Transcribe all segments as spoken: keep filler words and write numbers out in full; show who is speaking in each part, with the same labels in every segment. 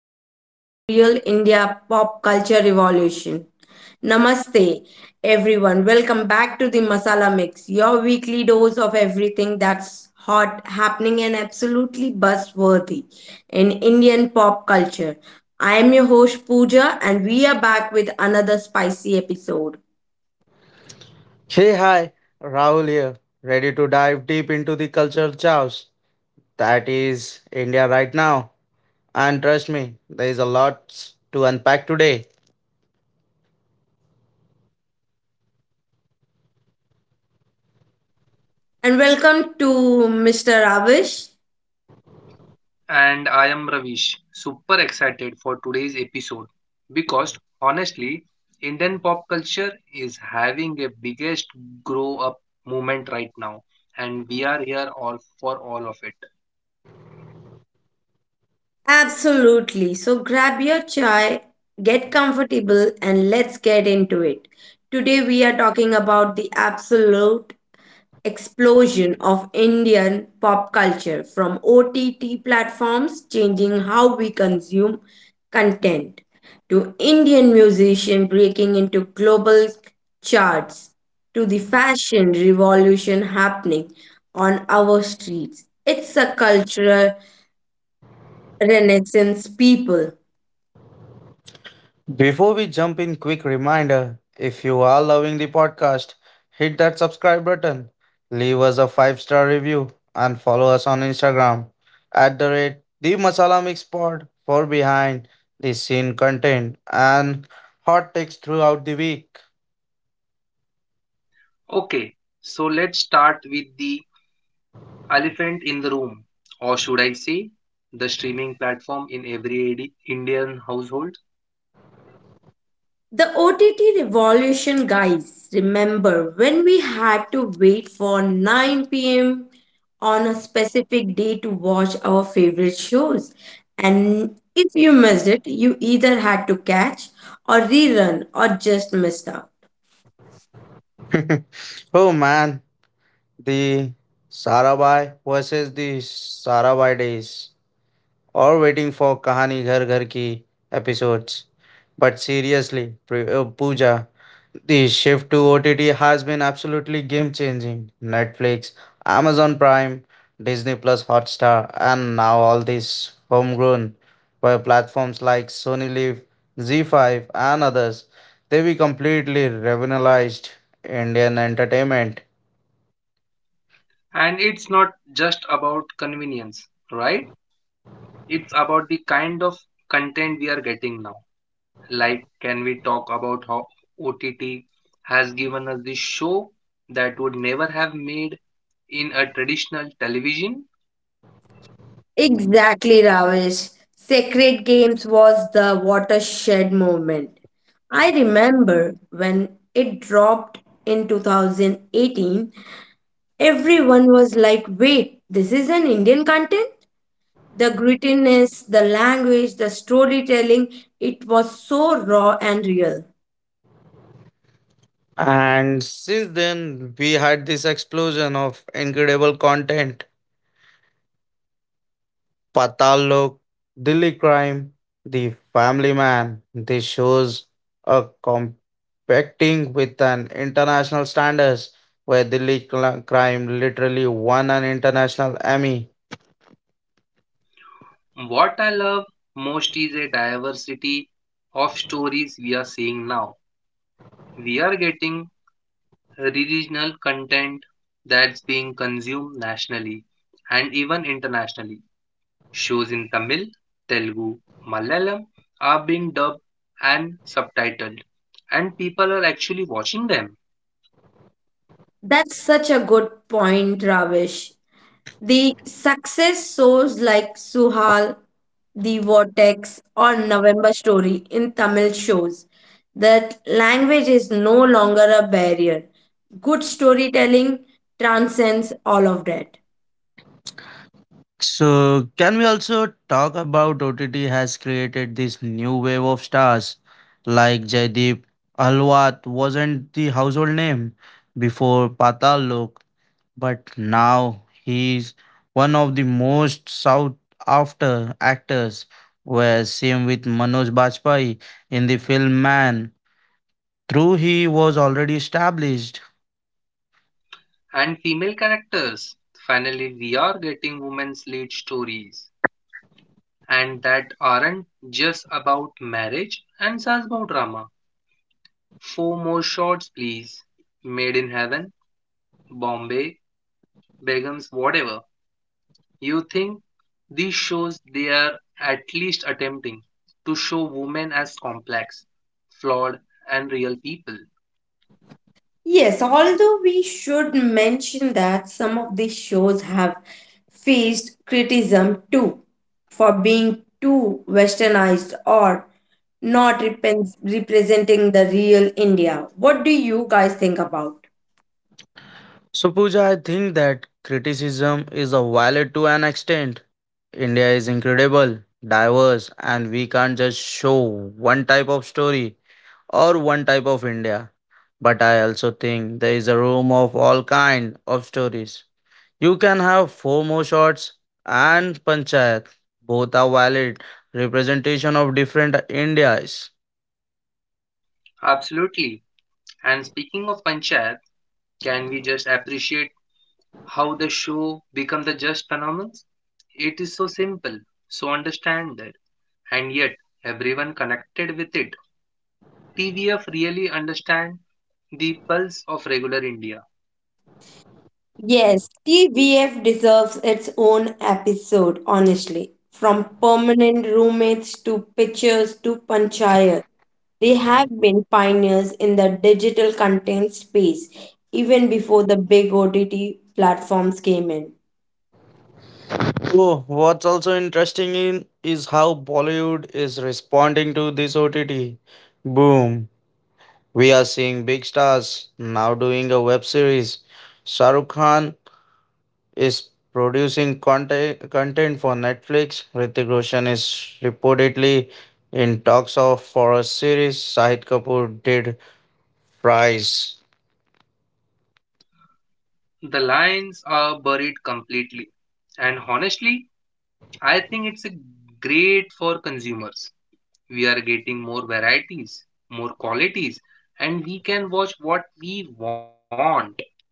Speaker 1: Real to Real India Pop Culture Revolution. Namaste, everyone. Welcome back to the Masala Mix, your weekly dose of everything that's hot, happening, and absolutely buzzworthy in Indian pop culture. I am your host, Pooja, and we are back with another spicy episode.
Speaker 2: Hey, hi, Rahul here, ready to dive deep into the cultural chaos that is India right now. And trust me, there is a lot to unpack today.
Speaker 1: And welcome to mister Ravish.
Speaker 3: And I am Ravish, super excited for today's episode because honestly, Indian pop culture is having a biggest grow up moment right now, and we are here all for all of it.
Speaker 1: Absolutely. So grab your chai, get comfortable, and let's get into it. Today we are talking about the absolute explosion of Indian pop culture, from O T T platforms changing how we consume content, to Indian musician breaking into global charts, to the fashion revolution happening on our streets. It's a cultural renaissance people.
Speaker 2: Before we jump in, quick reminder if you are loving the podcast, hit that subscribe button, leave us a five star review, and follow us on Instagram at the rate the Masala Mix Pod for behind the scene content and hot takes throughout the week.
Speaker 3: Okay, so let's start with the elephant in the room, or should I say, the streaming platform in every Indi- Indian household.
Speaker 1: The O T T revolution, guys. Remember when we had to wait for nine p m on a specific day to watch our favorite shows? And if you missed it, you either had to catch or rerun or just missed out.
Speaker 2: Oh man, the Sarabhai versus the Sarabhai days or waiting for Kahani Ghar Ghar Ki episodes. But seriously, Pri- uh, Pooja, the shift to O T T has been absolutely game changing. Netflix, Amazon Prime, Disney Plus Hotstar, and now all these homegrown by platforms like Sony Live, Z five, and others. They will completely revolutionized Indian entertainment.
Speaker 3: And it's not just about convenience, right? It's about the kind of content we are getting now. Like, can we talk about how O T T has given us this show that would never have made in a traditional television?
Speaker 1: Exactly, Ravish. Sacred Games was the watershed moment. I remember when it dropped in two thousand eighteen. Everyone was like, wait, this is an Indian content? The grittiness, the language, the storytelling, it was so raw and real.
Speaker 2: And since then, we had this explosion of incredible content: Patal Lok, Dilly Crime, The Family Man. These shows are competing with an international standards where Dilly Cl- Crime literally won an international Emmy.
Speaker 3: What I love most is a diversity of stories we are seeing now. We are getting regional content that's being consumed nationally and even internationally. Shows in Tamil, Telugu, Malayalam are being dubbed and subtitled, and people are actually watching them.
Speaker 1: That's such a good point, Ravish. The success shows like Suhal, The Vortex, or November Story in Tamil shows that language is no longer a barrier. Good storytelling transcends all of that.
Speaker 2: So, can we also talk about O T T has created this new wave of stars like Jaideep Alwat wasn't the household name before Patal Lok, but now he's one of the most sought after actors. Where same with Manoj Bajpayee in the film Man. Through he was already established.
Speaker 3: And female characters. Finally, we are getting women's lead stories, and that aren't just about marriage and Sasbo drama. Four more shots, please. Made in Heaven, Bombay, Begums, whatever. You think these shows they are at least attempting to show women as complex, flawed, and real people.
Speaker 1: Yes, although we should mention that some of these shows have faced criticism too for being too westernized or not repen- representing the real India. What do you guys think about?
Speaker 2: So, Pooja, I think that criticism is a valid to an extent. India is incredible, diverse, and we can't just show one type of story or one type of India. But I also think there is a room of all kind of stories. You can have four more shots and panchayat. Both are valid representation of different Indias.
Speaker 3: Absolutely. And speaking of Panchayat, can we just appreciate how the show becomes the just phenomenon. It is so simple, so understandable, and yet everyone connected with it. T V F really understand the pulse of regular India.
Speaker 1: Yes, T V F deserves its own episode, honestly. From permanent roommates to pictures to panchayat, they have been pioneers in the digital content space even before the big O T T platforms came in.
Speaker 2: Oh, what's also interesting in is how Bollywood is responding to this O T T boom. We are seeing big stars now doing a web series. Shah Rukh Khan is producing content content for Netflix. Hrithik Roshan is reportedly in talks of for a series. Shahid Kapoor did Price.
Speaker 3: The lines are buried completely. And honestly, I think it's great for consumers. We are getting more varieties, more qualities, and we can watch what we want,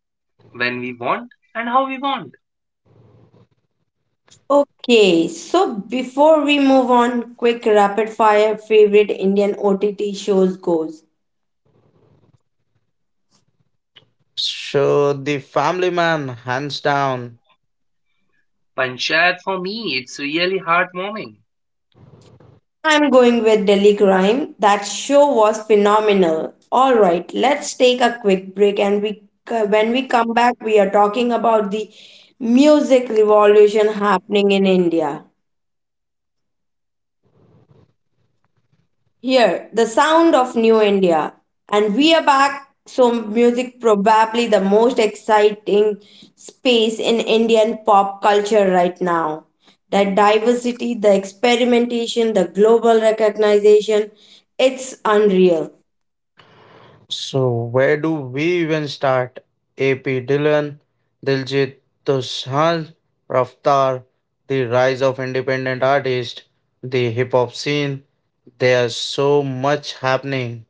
Speaker 3: when we want, and how we want.
Speaker 1: Okay, so before we move on, quick rapid fire favorite Indian O T T shows goes.
Speaker 2: So the Family Man, hands down.
Speaker 3: Panchayat for me, it's really heartwarming.
Speaker 1: I'm going with Delhi Crime. That show was phenomenal. All right, let's take a quick break, and we when we come back we are talking about the music revolution happening in India. Here, the sound of new India. And we are back, so music probably the most exciting space in Indian pop culture right now. That diversity, the experimentation, the global recognition, it's unreal.
Speaker 2: So, where do we even start? A P Dillon, Diljit Dosanjh, Raftar, the rise of independent artists, the hip hop scene. There's so much happening.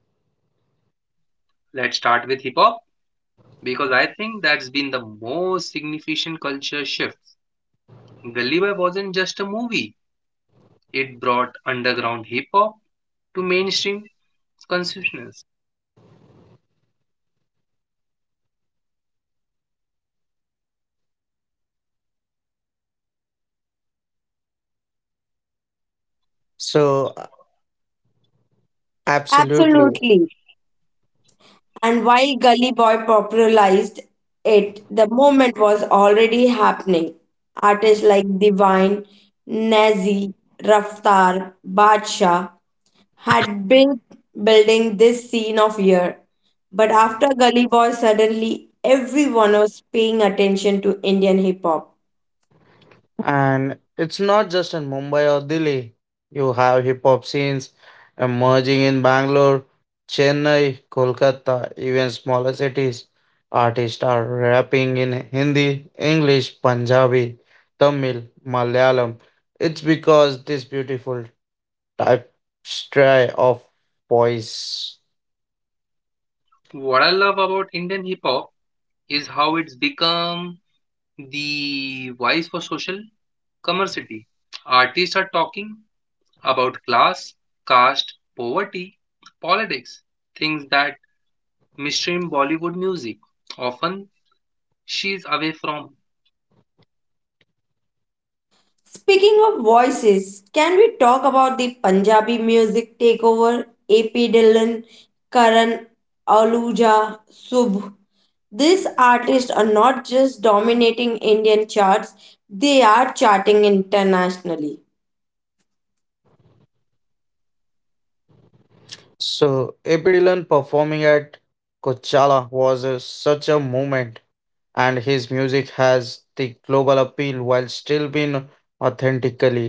Speaker 3: Let's start with hip hop because I think that's been the most significant culture shift. Gully Boy wasn't just a movie, it brought underground hip hop to mainstream consciousness.
Speaker 2: So, absolutely.
Speaker 1: Absolutely. And while Gully Boy popularized it, the movement was already happening. Artists like Divine, Nazi, Raftar, Badshah had been building this scene of year. But after Gully Boy, suddenly everyone was paying attention to Indian hip hop.
Speaker 2: And it's not just in Mumbai or Delhi. You have hip hop scenes emerging in Bangalore, Chennai, Kolkata, even smaller cities. Artists are rapping in Hindi, English, Punjabi, Tamil, Malayalam. It's because this beautiful type stray of voice.
Speaker 3: What I love about Indian hip hop is how it's become the voice for social commerciality. Artists are talking about class, caste, poverty, politics, things that mainstream Bollywood music often she's away from.
Speaker 1: Speaking of voices, can we talk about the Punjabi music takeover? A P Dillon, Karan Aluja, Subh. These artists are not just dominating Indian charts, they are charting internationally.
Speaker 2: So, A P Dillon performing at Coachella was a- such a moment. And his music has the global appeal while still being authentically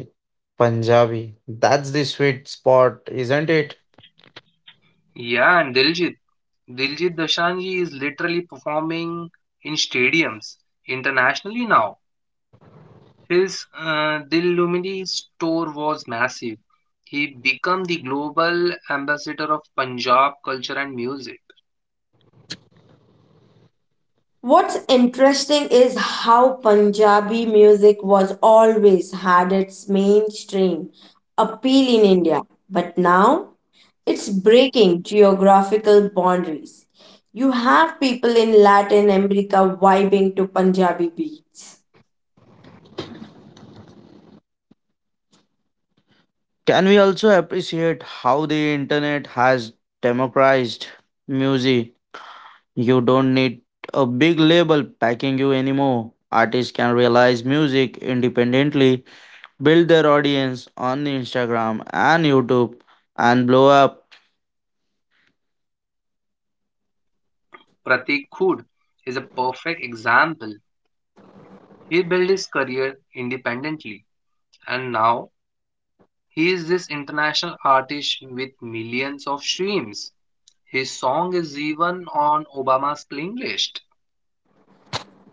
Speaker 2: Punjabi. That's the sweet spot, isn't it?
Speaker 3: Yeah, and Diljit. Diljit Dosanjh is literally performing in stadiums internationally now. His uh, Dil Lumini's tour was massive. He became the global ambassador of Punjab culture and music.
Speaker 1: What's interesting is how Punjabi music was always had its mainstream appeal in India, but now it's breaking geographical boundaries. You have people in Latin America vibing to Punjabi beats.
Speaker 2: Can we also appreciate how the internet has democratized music? You don't need a big label backing you anymore. Artists can realize music independently, build their audience on Instagram and YouTube, and blow up.
Speaker 3: Pratik Khud is a perfect example. He built his career independently, and now he is this international artist with millions of streams. His song is even on Obama's playing list.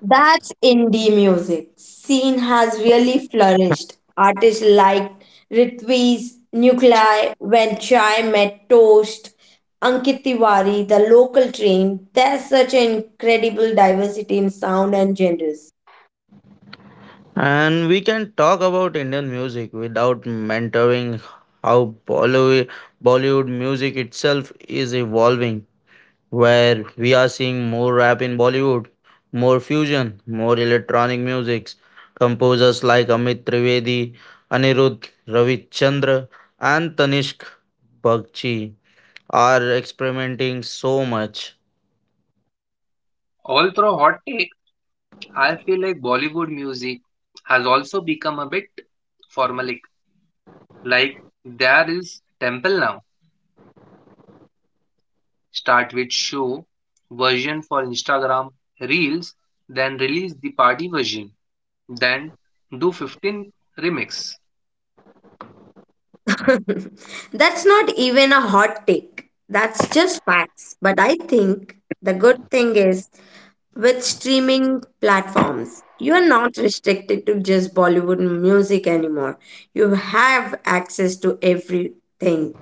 Speaker 1: That's indie music. Scene has really flourished. Artists like Ritviz, Nuclei, When Chai Met Toast, Ankit Tiwari, The Local Train. There's such an incredible diversity in sound and genres.
Speaker 2: And we can talk about Indian music without mentoring how Bollywood, Bollywood music itself is evolving, where we are seeing more rap in Bollywood, more fusion, more electronic musics. Composers like Amit Trivedi, Anirudh Ravichandra, and Tanishq Bagchi are experimenting so much.
Speaker 3: Although hot take, I feel like Bollywood music has also become a bit formalic. Like there is temple now. Start with show version for Instagram reels, then release the party version, then do fifteen remix.
Speaker 1: That's not even a hot take. That's just facts. But I think the good thing is, with streaming platforms, you are not restricted to just Bollywood music anymore. You have access to everything.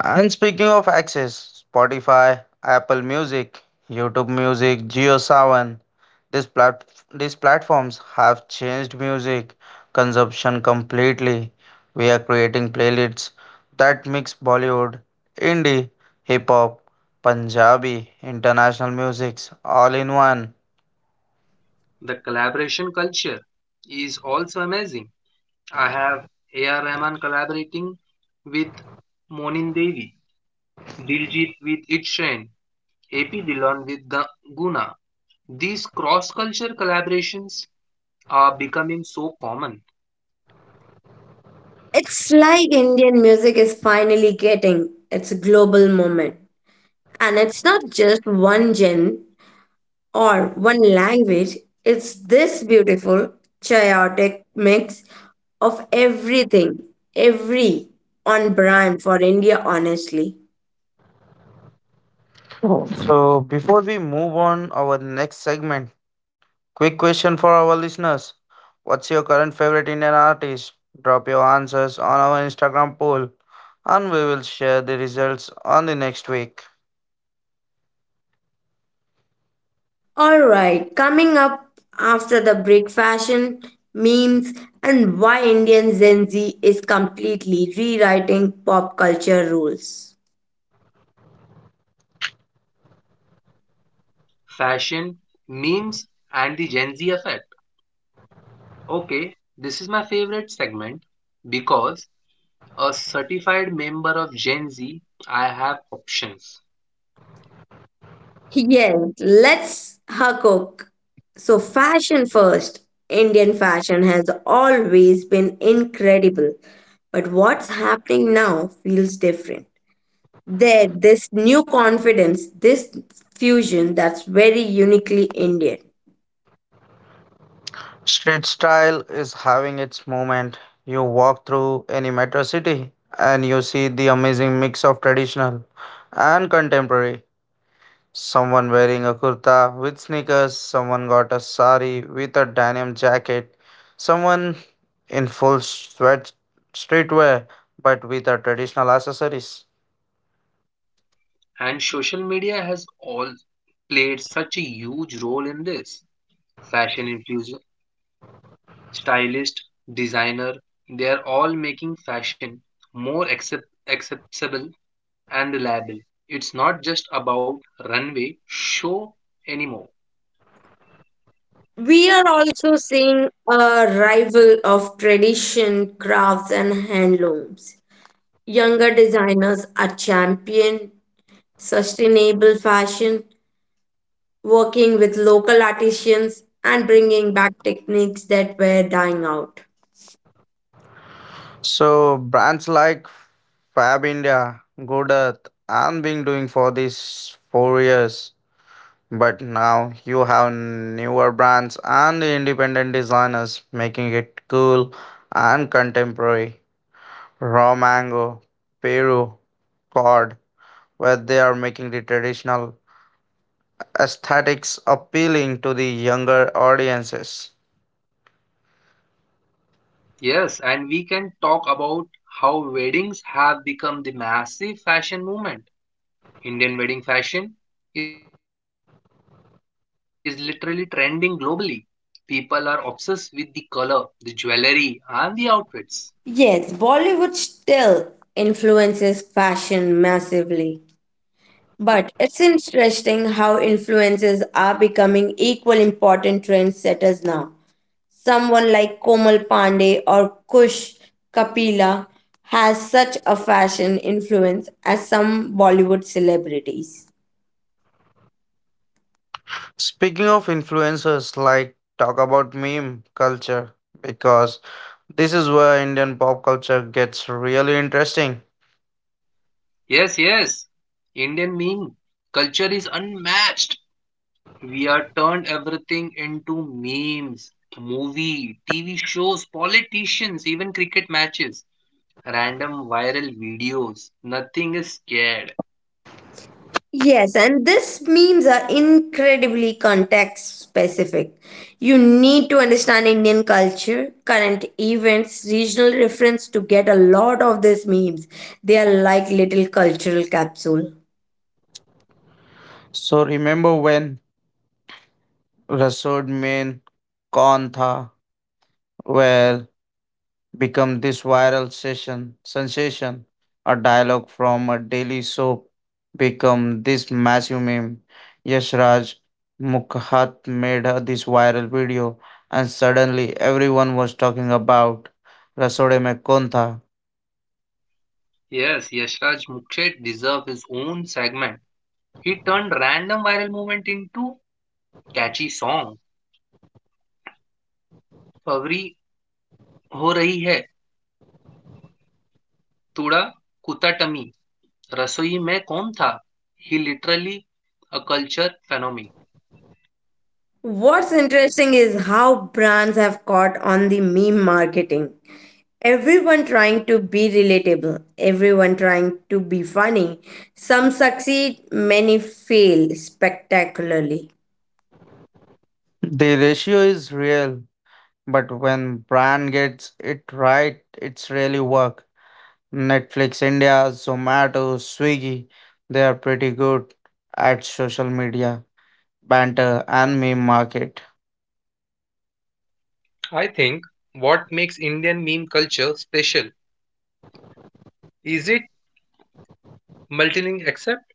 Speaker 2: And speaking of access, Spotify, Apple Music, YouTube Music, JioSaavn, these plat- these platforms have changed music consumption completely. We are creating playlists that mix Bollywood, indie, hip hop, Punjabi, international musics all in one.
Speaker 3: The collaboration culture is also amazing. I have A R. Rahman collaborating with Monin Devi, Diljit with It Train, A P Dillon with Ga- Guna. These cross-culture collaborations are becoming so common.
Speaker 1: It's like Indian music is finally getting its global moment. And it's not just one genre or one language, it's this beautiful, chaotic mix of everything, every on brand for India, honestly.
Speaker 2: So before we move on our next segment, quick question for our listeners. What's your current favorite Indian artist? Drop your answers on our Instagram poll and we will share the results on the next week.
Speaker 1: All right, coming up after the break: fashion, memes, and why Indian Gen Z is completely rewriting pop culture rules.
Speaker 3: Fashion, memes, and the Gen Z effect. Okay, this is my favorite segment because a certified member of Gen Z, I have options.
Speaker 1: Yes, let's hook. So, fashion first. Indian fashion has always been incredible, but what's happening now feels different. There, this new confidence, this fusion that's very uniquely Indian.
Speaker 2: Street style is having its moment. You walk through any metro city and you see the amazing mix of traditional and contemporary. Someone wearing a kurta with sneakers, someone got a sari with a denim jacket, someone in full sweat streetwear but with a traditional accessories.
Speaker 3: And social media has all played such a huge role in this. Fashion influencer, stylist, designer, they are all making fashion more accept- accessible and reliable. It's not just about runway show anymore.
Speaker 1: We are also seeing a rival of tradition crafts and handlooms. Younger designers are champion sustainable fashion, working with local artisans and bringing back techniques that were dying out.
Speaker 2: So brands like Fab India, Good Earth, and been doing for these four years. But now you have newer brands and independent designers making it cool and contemporary. Raw mango, Peru, Cord, where they are making the traditional aesthetics appealing to the younger audiences.
Speaker 3: Yes, and we can talk about how weddings have become the massive fashion movement. Indian wedding fashion is literally trending globally. People are obsessed with the color, the jewelry, and the outfits.
Speaker 1: Yes, Bollywood still influences fashion massively. But it's interesting how influences are becoming equal important trendsetters now. Someone like Komal Pandey or Kush Kapila has such a fashion influence as some Bollywood celebrities.
Speaker 2: Speaking of influencers, like talk about meme culture because this is where Indian pop culture gets really interesting.
Speaker 3: Yes, yes, Indian meme culture is unmatched. We are turned everything into memes, movie, T V shows, politicians, even cricket matches. Random viral videos. Nothing is scared.
Speaker 1: Yes, and these memes are incredibly context specific. You need to understand Indian culture, current events, regional reference to get a lot of these memes. They are like little cultural capsule.
Speaker 2: So remember when Rasood mein Kaun Tha where become this viral session sensation, a dialogue from a daily soap become this massive meme. Yash Raj Mukhat made uh, this viral video and suddenly everyone was talking about Rasood mein Kaun Tha.
Speaker 3: Yes, Yashraj Mukherjee deserves his own segment. He turned random viral movement into catchy song. पवरी हो रही hai, tuda kutatami. Rasoi में कौन tha. He literally a culture phenomenon.
Speaker 1: What's interesting is how brands have caught on the meme marketing. Everyone trying to be relatable, everyone trying to be funny. Some succeed, many fail spectacularly.
Speaker 2: The ratio is real. But when brand gets it right, it's really work. Netflix India, Zomato, Swiggy, they are pretty good at social media, banter and meme market.
Speaker 3: I think what makes Indian meme culture special is it multilingual except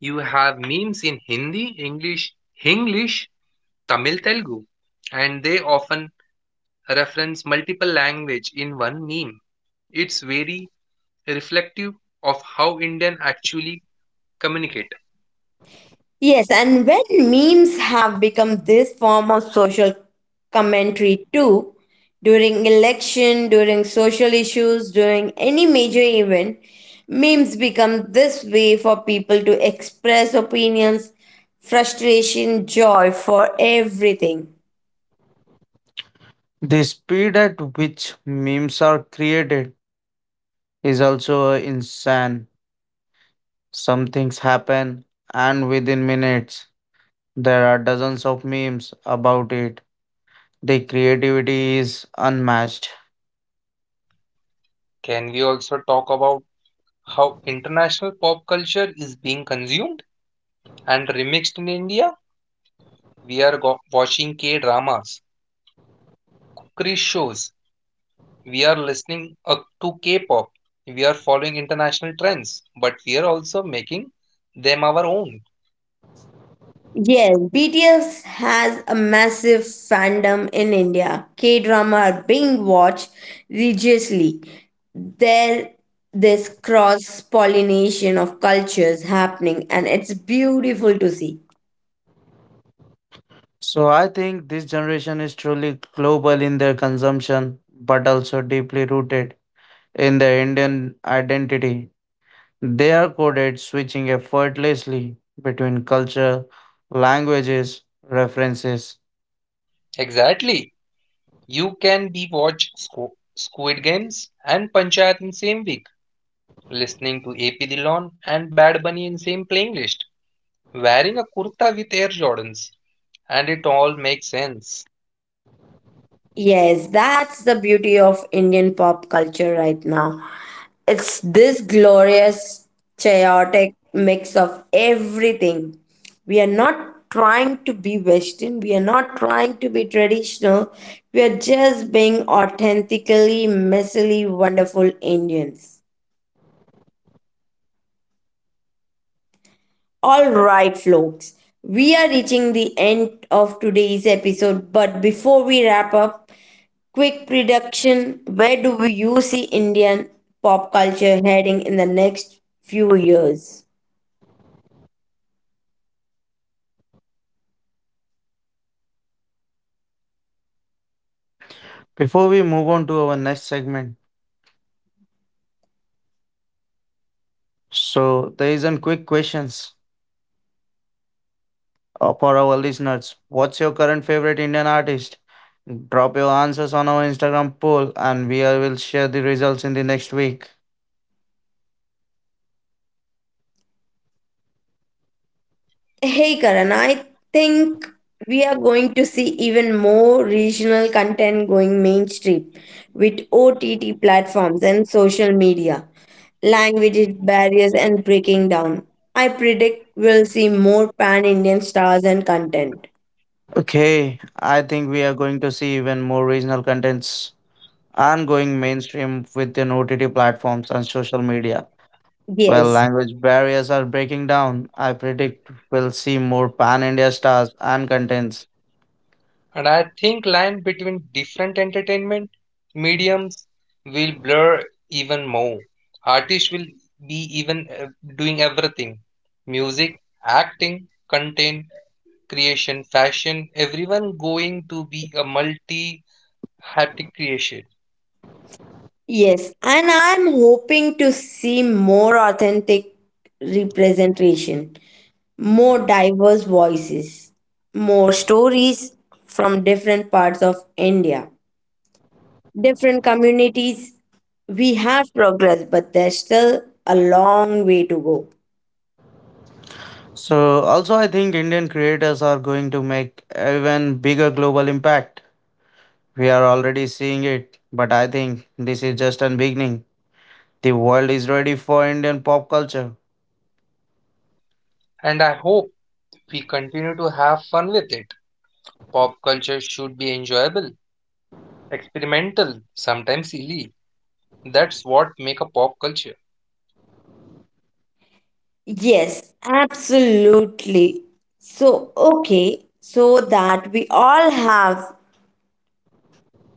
Speaker 3: you have memes in Hindi, English, Hinglish, Tamil, Telugu, and they often reference multiple language in one meme. It's very reflective of how Indian actually communicate.
Speaker 1: Yes, and when memes have become this form of social commentary too, during election, during social issues, during any major event, memes become this way for people to express opinions, frustration, joy for everything.
Speaker 2: The speed at which memes are created is also insane. Some things happen and within minutes there are dozens of memes about it. The creativity is unmatched.
Speaker 3: Can we also talk about how international pop culture is being consumed and remixed in India? We are go- watching K dramas, cookery shows, we are listening uh, to K pop, we are following international trends, but we are also making them our own.
Speaker 1: Yes, B T S has a massive fandom in India. K drama are being watched religiously. There this cross pollination of cultures happening and it's beautiful to see.
Speaker 2: So I think this generation is truly global in their consumption, but also deeply rooted in their Indian identity. They are coded switching effortlessly between culture, languages, references.
Speaker 3: Exactly. You can be watch Squ- Squid Games and Panchayat in same week, listening to A P Dillon and Bad Bunny in same playlist, wearing a kurta with Air Jordans, and it all makes sense.
Speaker 1: Yes, that's the beauty of Indian pop culture right now. It's this glorious, chaotic mix of everything. We are not trying to be Western, we are not trying to be traditional, we are just being authentically, messily wonderful Indians. All right, folks, we are reaching the end of today's episode, but before we wrap up, quick prediction: where do you see Indian pop culture heading in the next few years?
Speaker 2: Before we move on to our next segment, so there is a quick questions uh, for our listeners. What's your current favorite Indian artist? Drop your answers on our Instagram poll, and we are- will share the results in the next week.
Speaker 1: Hey Karan, I think we are going to see even more regional content going mainstream with O T T platforms and social media, language barriers and breaking down. I predict we'll see more pan Indian stars and content.
Speaker 2: Okay, I think we are going to see even more regional contents and going mainstream within O T T platforms and social media. Well,
Speaker 1: Yes,
Speaker 2: language barriers are breaking down. I predict we'll see more pan India stars and contents.
Speaker 3: And I think line between different entertainment mediums will blur even more. Artists will be even uh, doing everything. Music, acting, content, creation, fashion, everyone going to be a multi-haptic creation.
Speaker 1: yes, and I'm hoping to see more authentic representation, more diverse voices, more stories from different parts of India, different communities. We have progressed, but there's still a long way to go.
Speaker 2: So, also, I think Indian creators are going to make even bigger global impact. We are already seeing it, but I think this is just a beginning. The world is ready for Indian pop culture.
Speaker 3: And I hope we continue to have fun with it. Pop culture should be enjoyable, experimental, sometimes silly. That's what make a pop culture.
Speaker 1: Yes, absolutely. So, okay, so that we all have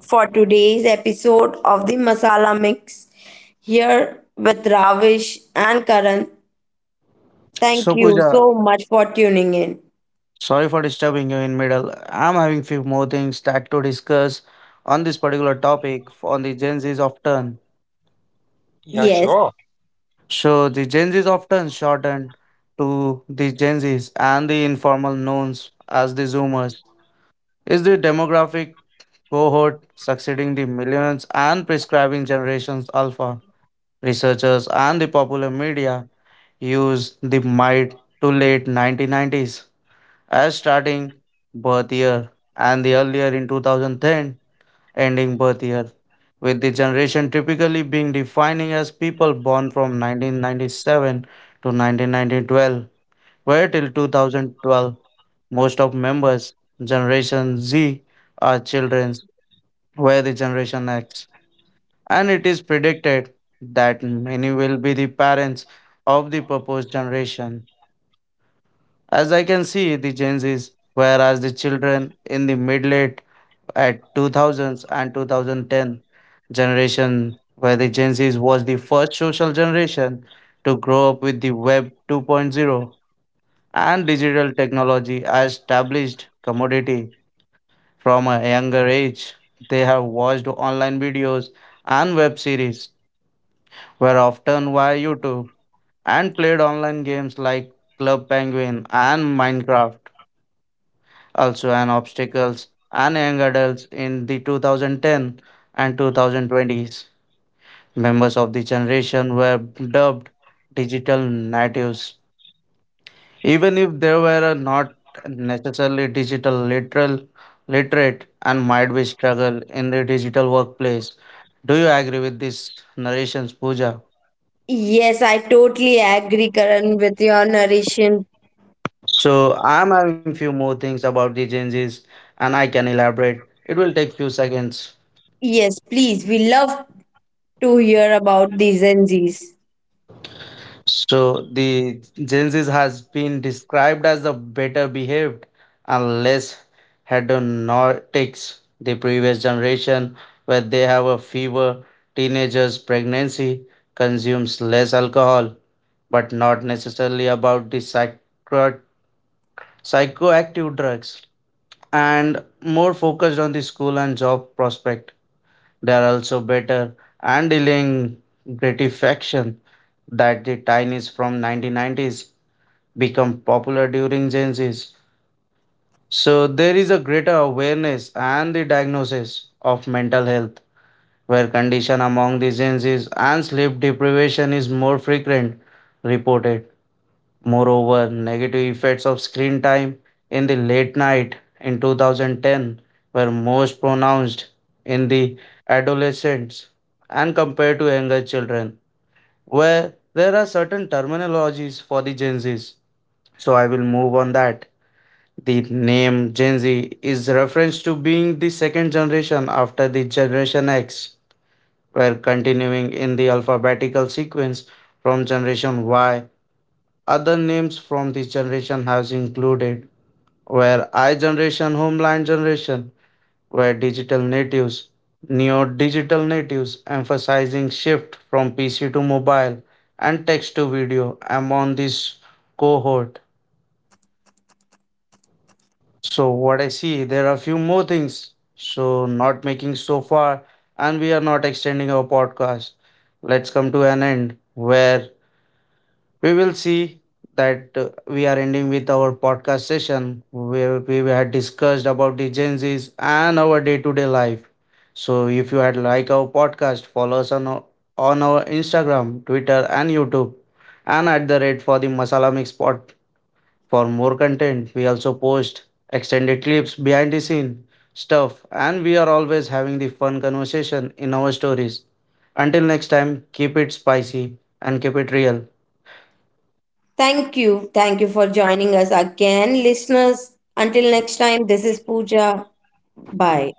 Speaker 1: for today's episode of the Masala Mix here with Ravish and Karan.
Speaker 2: So,
Speaker 1: Thank you
Speaker 2: Pooja,
Speaker 1: so much for tuning in.
Speaker 2: sorry for disturbing you in middle. I'm having few more things that to discuss on this particular topic on the Gen Z's of turn.
Speaker 3: Yeah,
Speaker 1: Yes.
Speaker 3: sure.
Speaker 2: So the Gen Z's of turn shortened to the Gen Z's and the informal knowns as the Zoomers is the demographic cohort succeeding the millions and prescribing generations alpha. Researchers and the popular media use the might to late nineteen nineties as starting birth year and the earlier in two thousand ten ending birth year, with the generation typically being defining as people born from nineteen ninety-seven to nineteen twelve, where till twenty twelve most of members Generation Z are children, where the Generation X, and it is predicted that many will be the parents of the proposed generation. As I can see, the Gen Zs, whereas the children in the mid late at two thousands and two thousand ten generation, where the Gen Zs was the first social generation to grow up with the Web 2.0 and digital technology as established commodity from a younger age. They have watched online videos and web series, were often via YouTube, and played online games like Club Penguin and Minecraft, also an obstacles and young adults in the two thousand ten and twenty twenties. Members of the generation were dubbed digital natives, even if they were not necessarily digital literal literate and might be struggle in the digital workplace. Do you agree with this narrations, Pooja?
Speaker 1: Yes, I totally agree, Karan, with your narration.
Speaker 2: So I'm having few more things about the Gen Zs and I can elaborate. It will take few seconds.
Speaker 1: Yes, please, we love to hear about these N Zs.
Speaker 2: So the Gen Z has been described as the better behaved and less hedonistics. The previous generation, where they have a fever, teenagers, pregnancy, consumes less alcohol, but not necessarily about the psycho- psychoactive drugs, and more focused on the school and job prospect. They are also better and dealing gratification that the Chinese from nineteen nineties become popular during Gen Z's. So there is a greater awareness and the diagnosis of mental health, where condition among the Gen Z's and sleep deprivation is more frequent reported. Moreover, negative effects of screen time in the late night in twenty ten were most pronounced in the adolescents and compared to younger children, where there are certain terminologies for the Gen Z's. So I will move on that. The name Gen Z is reference to being the second generation after the Generation X, where continuing in the alphabetical sequence from Generation Y. Other names from this generation has included where I generation, homeland generation, where digital natives, neo digital natives, emphasizing shift from P C to mobile and text to video among this cohort. So what I see, there are a few more things. So not making so far, and we are not extending our podcast. Let's come to an end where we will see that uh, we are ending with our podcast session where we had discussed about the Gen Zs and our day-to-day life. So if you had like our podcast, follow us on our, on our Instagram, Twitter, and YouTube, and at the rate for the Masala Mix Pod for more content, we also post extended clips, behind the scene stuff, and we are always having the fun conversation in our stories. Until next time, keep it spicy and keep it real.
Speaker 1: Thank you. Thank you for joining us again, listeners. Until next time, this is Pooja. Bye.